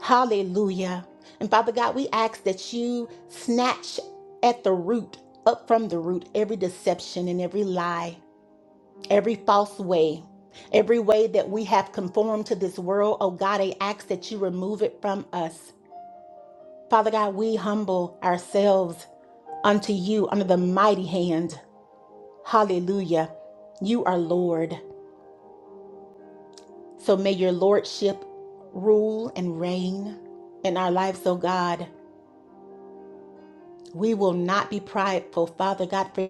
Hallelujah. And Father God, we ask that you snatch at the root, up from the root, every deception and every lie every false way, every way that we have conformed to this world. Oh God, I ask that you remove it from us. Father God, we humble ourselves unto you under the mighty hand. Hallelujah. You are Lord. So may your Lordship rule and reign in our lives, oh God. We will not be prideful, Father God. for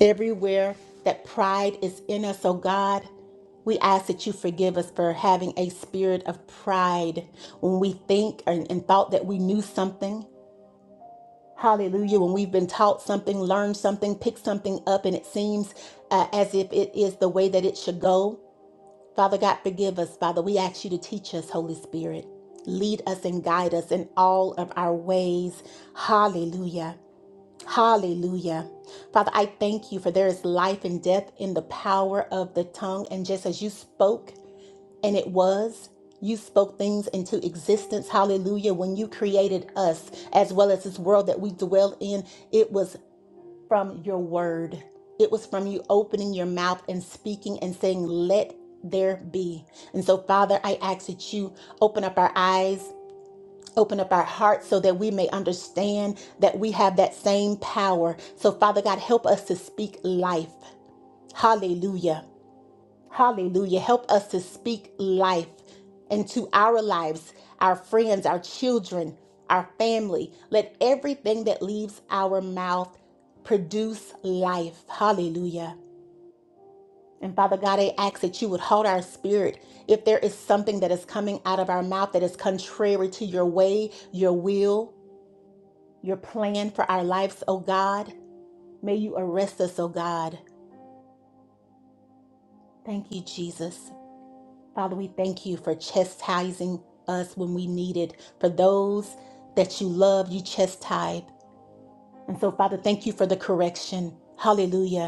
Everywhere that pride is in us, oh God, we ask that you forgive us for having a spirit of pride when we think and, and thought that we knew something. Hallelujah. When we've been taught something, learned something, picked something up, and it seems uh, as if it is the way that it should go. Father God, forgive us, Father. We ask you to teach us, Holy Spirit. Lead us and guide us in all of our ways. Hallelujah. Hallelujah. Father, I thank you for there is life and death in the power of the tongue. And just as you spoke, and it was, you spoke things into existence. Hallelujah. When you created us, as well as this world that we dwell in, it was from your word. It was from you opening your mouth and speaking and saying, Let there be. And so, Father, I ask that you open up our eyes Open up our hearts so that we may understand that we have that same power. So, Father God, help us to speak life. Hallelujah. Hallelujah. Help us to speak life into our lives, our friends, our children, our family. Let everything that leaves our mouth produce life. Hallelujah. And Father God, I ask that you would hold our spirit. If there is something that is coming out of our mouth that is contrary to your way, your will, your plan for our lives, O God. May you arrest us, O God. Thank you, Jesus. Father, we thank you for chastising us when we need it. For those that you love, you chastise. And so, Father, thank you for the correction. Hallelujah.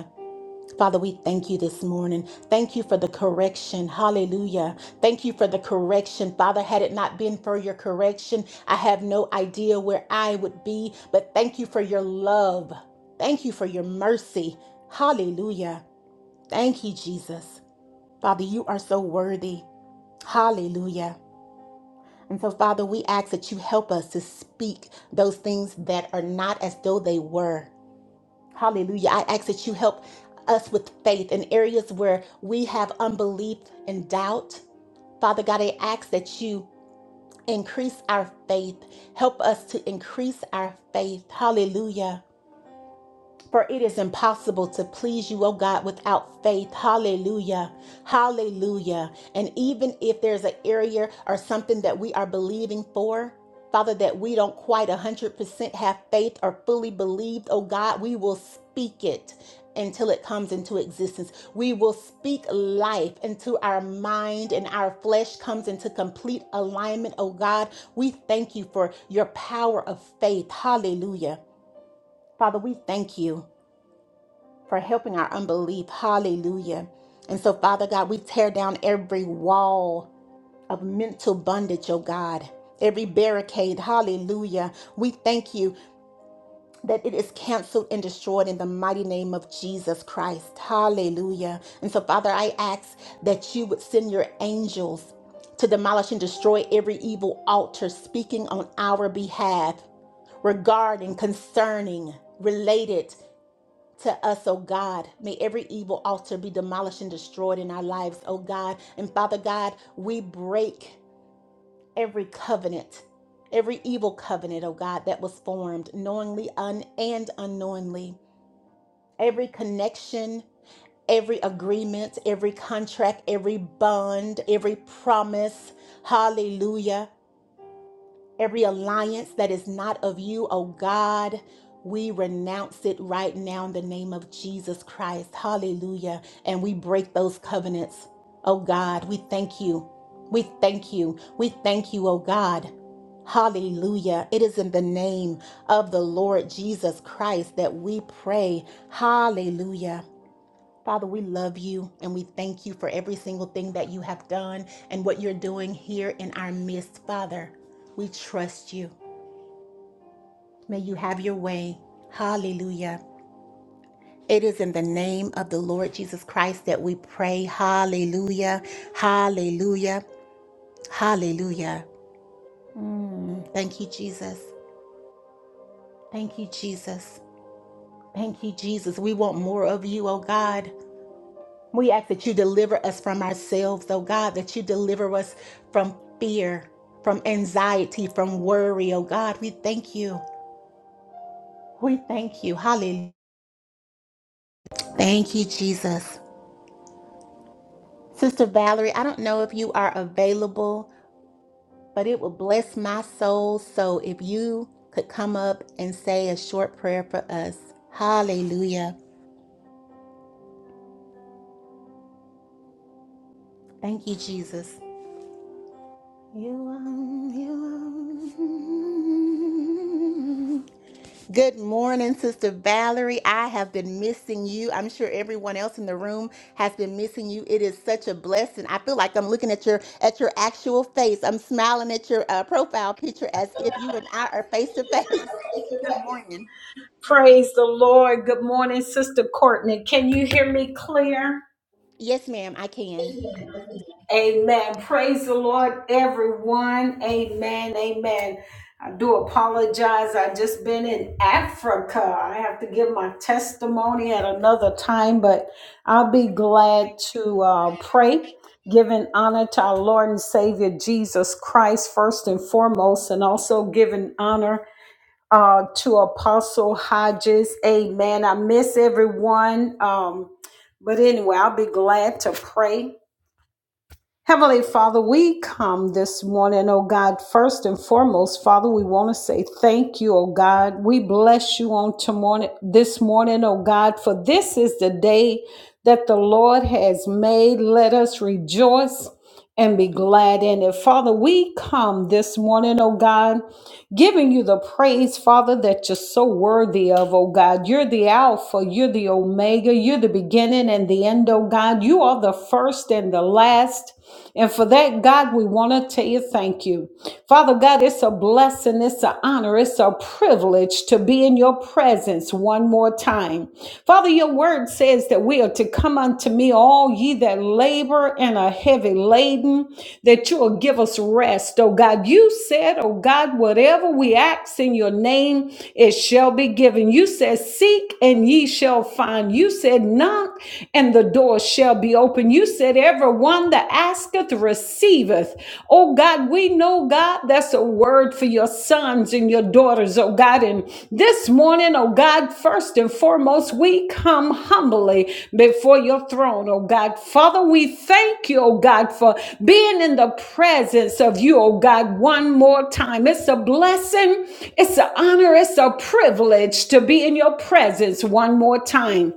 Father, we thank you this morning. Thank you for the correction. Hallelujah. Thank you for the correction. Father, had it not been for your correction, I have no idea where I would be, but thank you for your love. Thank you for your mercy. Hallelujah. Thank you, Jesus. Father, you are so worthy. Hallelujah. And so, Father, we ask that you help us to speak those things that are not as though they were. Hallelujah. I ask that you help us with faith in areas where we have unbelief and doubt. Father God, I ask that you increase our faith. Help us to increase our faith. Hallelujah. For it is impossible to please you, O God, without faith. Hallelujah. Hallelujah. And even if there's an area or something that we are believing for, Father, that we don't quite 100% have faith or fully believed, oh God, we will speak it until it comes into existence. We will speak life until our mind and our flesh comes into complete alignment, oh God. We thank you for your power of faith. Hallelujah. Father, we thank you for helping our unbelief. Hallelujah. And so, Father God, we tear down every wall of mental bondage, oh God, every barricade. Hallelujah. We thank you that it is canceled and destroyed in the mighty name of Jesus Christ. Hallelujah. And so, Father, I ask that you would send your angels to demolish and destroy every evil altar speaking on our behalf regarding, concerning, related to us, oh God. May every evil altar be demolished and destroyed in our lives, oh God. And Father God, we break every covenant, every evil covenant, oh God, that was formed knowingly un- and unknowingly. Every connection, every agreement, every contract, every bond, every promise. Hallelujah. Every alliance that is not of you, oh God, we renounce it right now in the name of Jesus Christ. Hallelujah. And we break those covenants. Oh God, we thank you. We thank you. We thank you, oh God. Hallelujah. It is in the name of the Lord Jesus Christ that we pray. Hallelujah. Father, we love you and we thank you for every single thing that you have done and what you're doing here in our midst. Father, we trust you. May you have your way. Hallelujah. It is in the name of the Lord Jesus Christ that we pray. Hallelujah. Hallelujah. Hallelujah. Mm, thank you, Jesus. Thank you, Jesus. Thank you, Jesus. We want more of you, oh God. We ask that you deliver us from ourselves, oh God, that you deliver us from fear, from anxiety, from worry, oh God. We thank you. We thank you. Hallelujah. Thank you, Jesus. Sister Valerie, I don't know if you are available, but it will bless my soul. So if you could come up and say a short prayer for us. Hallelujah. Thank you, Jesus. You are, you Good morning, Sister Valerie. I have been missing you. I'm sure everyone else in the room has been missing you. It is such a blessing. I feel like I'm looking at your at your actual face. I'm smiling at your uh, profile picture as if you and I are face to face. Good morning.
Praise the Lord. Good morning, Sister Courtney. Can you hear me clear?
Yes, ma'am, I can.
Amen. Praise the Lord, everyone. Amen. Amen. I do apologize. I've just been in Africa. I have to give my testimony at another time, but I'll be glad to uh, pray, giving honor to our Lord and Savior Jesus Christ first and foremost, and also giving honor uh, to Apostle Hodges. Amen. I miss everyone. Um, but anyway, I'll be glad to pray. Heavenly Father, we come this morning, oh God, first and foremost, Father, we want to say thank you, oh God. We bless you on tomorrow, this morning, oh God, for this is the day that the Lord has made. Let us rejoice and be glad in it. Father, we come this morning, oh God, giving you the praise, Father, that you're so worthy of, oh God. You're the Alpha, you're the Omega, you're the beginning and the end, oh God. You are the first and the last. And for that, God, we want to tell you thank you. Father God, it's a blessing, it's an honor, it's a privilege to be in your presence one one more time. Father, your word says that we are to come unto me, all ye that labor and are heavy laden, that you will give us rest. Oh God, you said, oh God, whatever we ask in your name, it shall be given. You said, seek and ye shall find. You said, knock and the door shall be open. You said, everyone that asketh receiveth. Oh Oh God, we know, God, that's a word for your sons and your daughters, oh God. And this morning, oh God, first and foremost, we come humbly before your throne, oh God. Father, we thank you, oh God, for being in the presence of you, oh God, one more time. It's a blessing, it's an honor, it's a privilege to be in your presence one more time.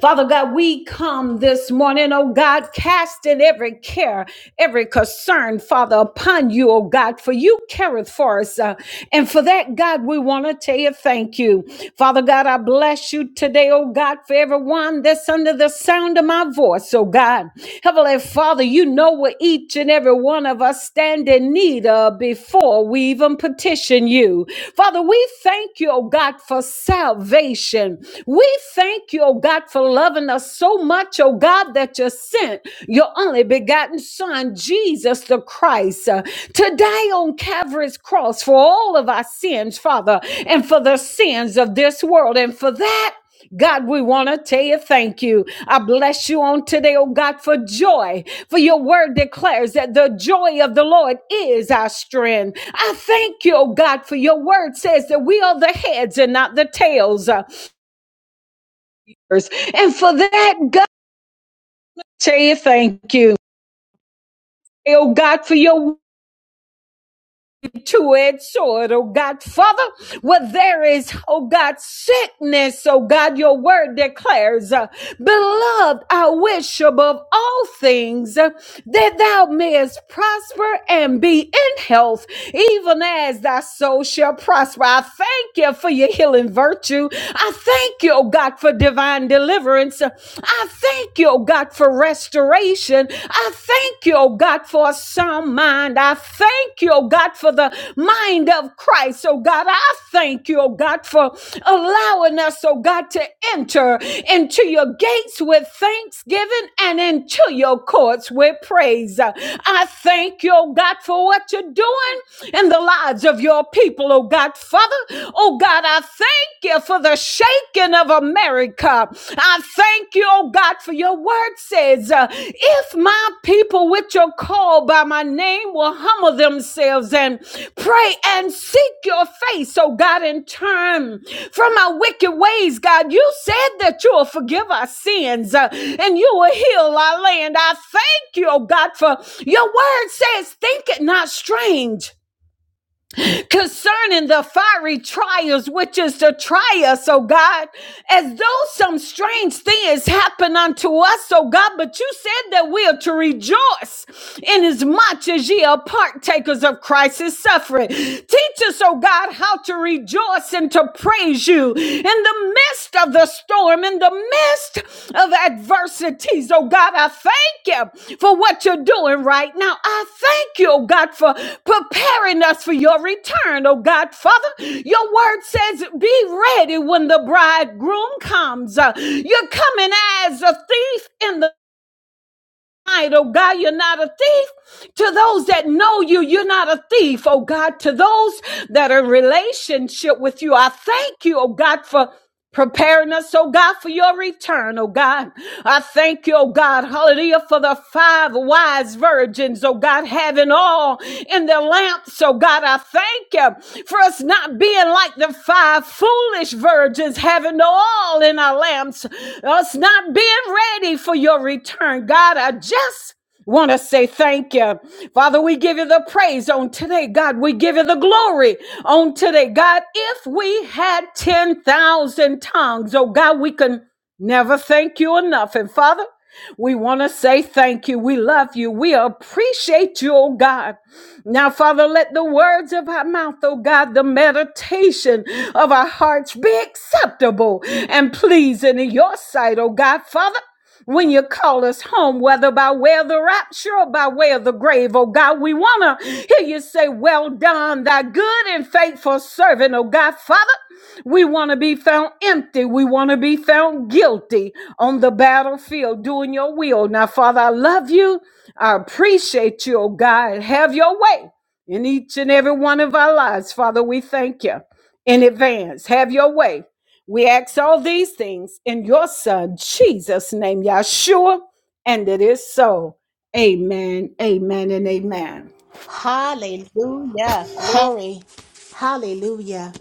Father God, we come this morning, oh God, casting every care, every concern, Father, upon you, oh God, for you careth for us. uh, and for that, God, we want to tell you thank you. Father God, I bless you today, oh God, for everyone that's under the sound of my voice, oh God. Heavenly Father, you know where each and every one of us standing need of before we even petition you. Father, we thank you, oh God, for salvation. We thank you, oh God, for loving us so much, oh God, that you sent your only begotten Son, Jesus the Christ, uh, to die on Calvary's cross for all of our sins, Father, and for the sins of this world. And for that, God, we want to tell you thank you. I bless you on today, oh God, for joy. For your word declares that the joy of the Lord is our strength. I thank you, oh God, for your word says that we are the heads and not the tails. uh, And for that, God, tell you thank you. Oh God, for your two-edged sword, oh God, Father, where there is, oh God, sickness, oh God, your word declares, uh, beloved, I wish above all things. uh, that thou mayest prosper and be in health, even as thy soul shall prosper. I thank you for your healing virtue. I thank you, oh God, for divine deliverance. I thank you, oh God, for restoration. I thank you, oh God, for a sound mind. I thank you, oh God, for the mind of Christ, oh God. I thank you, oh God, for allowing us, oh God, to enter into your gates with thanksgiving and into your courts with great praise. I thank you, oh God, for what you're doing in the lives of your people, oh God. Father, oh God, I thank you for the shaking of America. I thank you, oh God, for your word says, uh, if my people which are called by my name will humble themselves and pray and seek your face, oh God, and turn from our wicked ways, God, you said that you will forgive our sins uh, and you will heal our land. I thank you, oh God, for your word says, think it not strange concerning the fiery trials, which is to try us, oh God, as though some strange things happen unto us, oh God, but you said that we are to rejoice inasmuch as ye are partakers of Christ's suffering. Teach us, oh God, how to rejoice and to praise you in the the midst of the storm, in the midst of adversities. Oh God, I thank you for what you're doing right now. I thank you, oh God, for preparing us for your return. Oh God, Father, your word says, be ready when the bridegroom comes. Uh, You're coming as a thief in the mind, oh God, you're not a thief. To those that know you, you're not a thief, oh God. To those that are in relationship with you, I thank you, oh God, for preparing us, oh God, for your return, oh God. I thank you, oh God, hallelujah, for the five wise virgins, oh God, having all in their lamps, oh God. I thank you for us not being like the five foolish virgins, having all in our lamps, us not being ready for your return. God, I just want to say thank you. Father, we give you the praise on today. God, we give you the glory on today. God, if we had 10,000 tongues, oh God, we can never thank you enough. And Father, we want to say thank you. We love you. We appreciate you, oh God. Now, Father, let the words of our mouth, oh God, the meditation of our hearts be acceptable and pleasing in your sight, oh God, Father when you call us home, whether by way of the rapture or by way of the grave. Oh God, we want to hear you say, Well done, thy good and faithful servant. Oh God, Father, we want to be found empty. We want to be found guilty on the battlefield doing your will. Now, Father, I love you. I appreciate you, oh God. Have your way in each and every one of our lives. Father, we thank you in advance. Have your way. We ask all these things in your Son, Jesus' name, Yahshua, and it is so. Amen, amen, and amen.
Hallelujah. Glory. Hallelujah.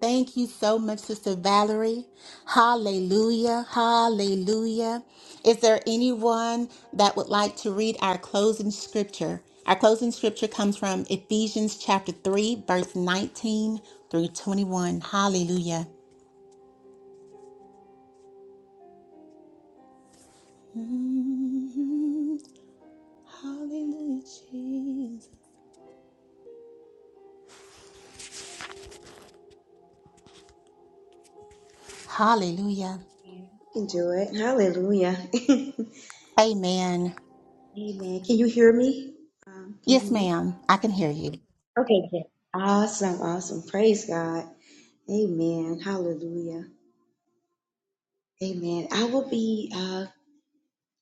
Thank you so much, Sister Valerie. Hallelujah. Hallelujah. Is there anyone that would like to read our closing scripture? Our closing scripture comes from Ephesians chapter 3, verse 19 through 21. Hallelujah. Mm, Hallelujah, Jesus. Hallelujah.
Yeah, you can do it. Hallelujah.
Amen.
Amen. Can you hear me? Um, can you
Yes,
hear me?
ma'am. I can hear you.
Okay, good. Awesome, awesome. Praise God. Amen. Hallelujah. Amen. I will be uh,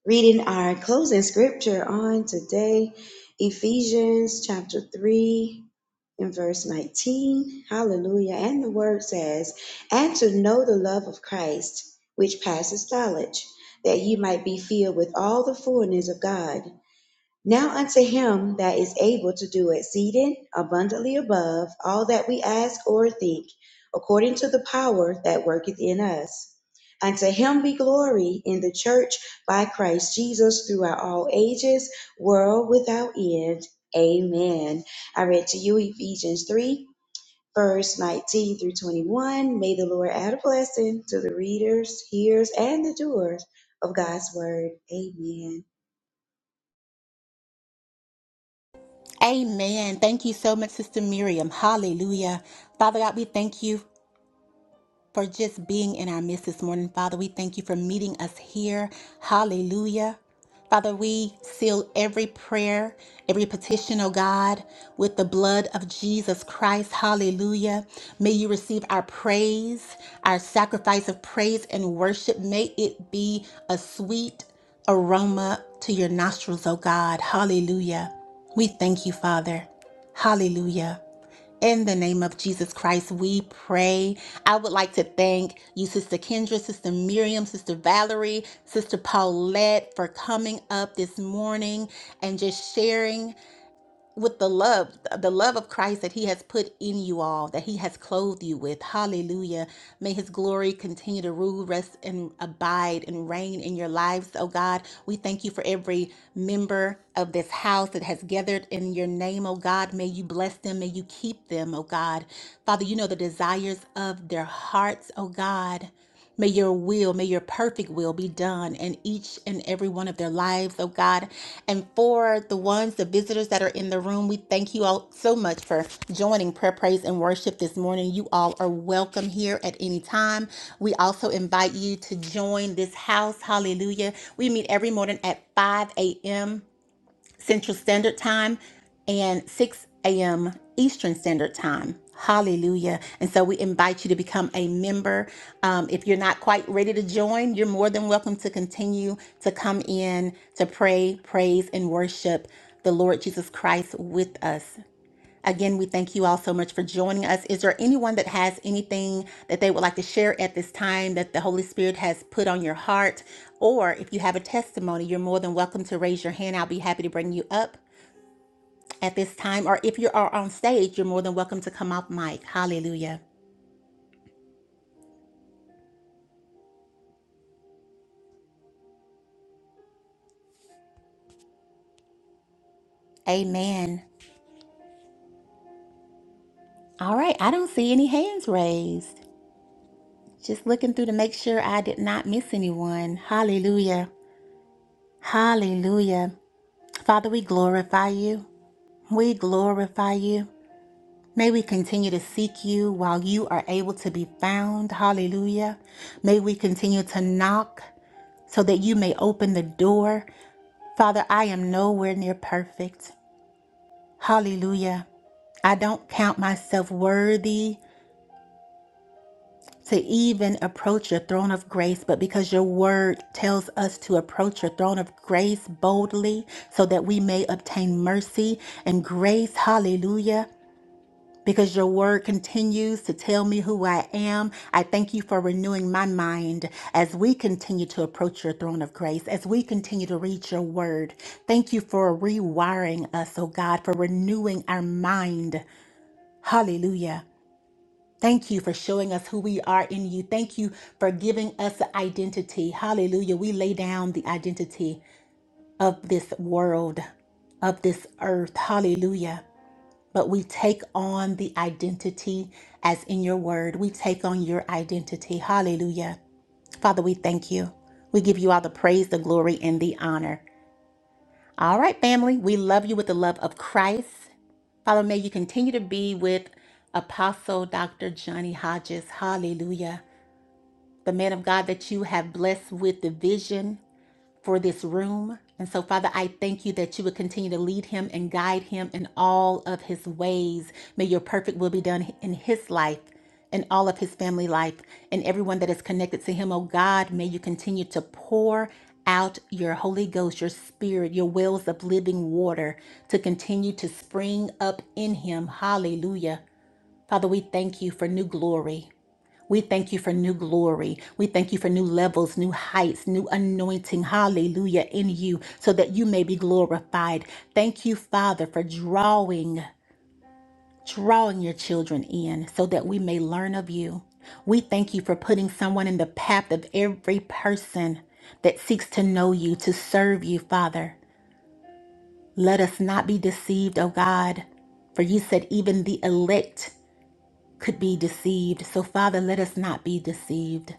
reading our closing scripture on today, Ephesians chapter 3 and verse 19. Hallelujah. And the word says, And to know the love of Christ, which passes knowledge, that ye might be filled with all the fullness of God. Now unto him that is able to do exceeding abundantly above all that we ask or think, according to the power that worketh in us. Unto him be glory in the church by Christ Jesus throughout all ages, world without end. Amen. I read to you Ephesians 3, verse 19 through 21. May the Lord add a blessing to the readers, hearers, and the doers of God's word. Amen.
Amen. Thank you so much, Sister Miriam. Hallelujah. Father God, we thank you for just being in our midst this morning. Father, we thank you for meeting us here. Hallelujah. Father, we seal every prayer, every petition, oh God, with the blood of Jesus Christ. Hallelujah. May you receive our praise, our sacrifice of praise and worship. May it be a sweet aroma to your nostrils, oh God. Hallelujah. We thank you, Father. Hallelujah. In the name of Jesus Christ, we pray. I would like to thank you, Sister Kendra, Sister Miriam, Sister Valerie, Sister Paulette, for coming up this morning and just sharing with the love the love of christ that he has put in you all that he has clothed you with hallelujah may his glory continue to rule rest and abide and reign in your lives oh god we thank you for every member of this house that has gathered in your name oh god may you bless them may you keep them oh god father you know the desires of their hearts oh god May your will, may your perfect will be done in each and every one of their lives, oh God. And for the ones, the visitors that are in the room, we thank you all so much for joining prayer, praise, and worship this morning. You all are welcome here at any time. We also invite you to join this house. Hallelujah. We meet every morning at 5 a.m. Central Standard Time and 6 a.m. Eastern Standard Time. Hallelujah. And so we invite you to become a member. Um, if you're not quite ready to join, you're more than welcome to continue to come in to pray, praise, and worship the Lord Jesus Christ with us. Again, we thank you all so much for joining us. Is there anyone that has anything that they would like to share at this time that the Holy Spirit has put on your heart? Or if you have a testimony, you're more than welcome to raise your hand. I'll be happy to bring you up at this time. Or if you are on stage, you're more than welcome to come off mic. Hallelujah. Amen. All right, I don't see any hands raised. Just looking through to make sure I did not miss anyone. Hallelujah. Hallelujah. Father, we glorify you. We glorify you. May we continue to seek you while you are able to be found. Hallelujah. May we continue to knock so that you may open the door. Father, I am nowhere near perfect. Hallelujah. I don't count myself worthy to even approach your throne of grace, but because your word tells us to approach your throne of grace boldly so that we may obtain mercy and grace. Hallelujah. because your word continues to tell me who I am. I thank you for renewing my mind as we continue to approach your throne of grace, as we continue to read your word. Thank you for rewiring us, oh God, for renewing our mind. Hallelujah. Thank you for showing us who we are in you. Thank you for giving us identity. Hallelujah. We lay down the identity of this world, of this earth. Hallelujah but we take on the identity as in your word. We take on your identity. Hallelujah. Father, we thank you. We give you all the praise, the glory, and the honor. All right, family, we love you with the love of Christ. Father, may you continue to be with Apostle Dr. Johnny Hodges. Hallelujah. The man of God that you have blessed with the vision for this room. And so, Father, I thank you that you would continue to lead him and guide him in all of his ways. May your perfect will be done in his life and all of his family life and everyone that is connected to him. Oh God, may you continue to pour out your Holy Ghost, your spirit, your wells of living water to continue to spring up in him. Hallelujah. Father, we thank you for new glory. We thank you for new glory. We thank you for new levels, new heights, new anointing. Hallelujah in you so that you may be glorified. Thank you, Father, for drawing drawing your children in so that we may learn of you. We thank you for putting someone in the path of every person that seeks to know you, to serve you, Father. Let us not be deceived, O God, for you said even the elect could be deceived. So, Father, let us not be deceived.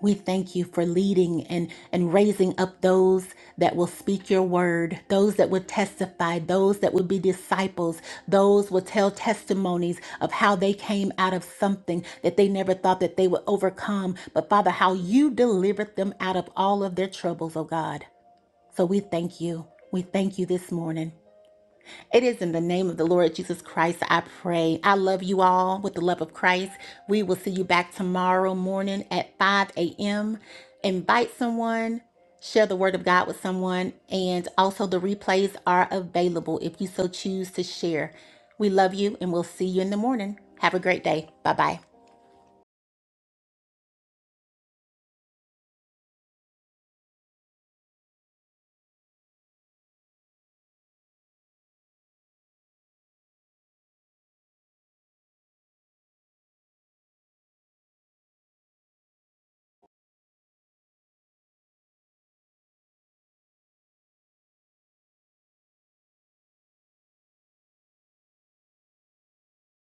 We thank you for leading and, and raising up those that will speak your word, those that will testify, those that will be disciples, those will tell testimonies of how they came out of something that they never thought that they would overcome. But Father, how you delivered them out of all of their troubles, oh God. So we thank you. We thank you this morning. It is in the name of the Lord Jesus Christ I pray. I love you all with the love of Christ. We will see you back tomorrow morning at 5 a.m. Invite someone, share the word of God with someone, and also the replays are available if you so choose to share. We love you and we'll see you in the morning. Have a great day. Bye bye.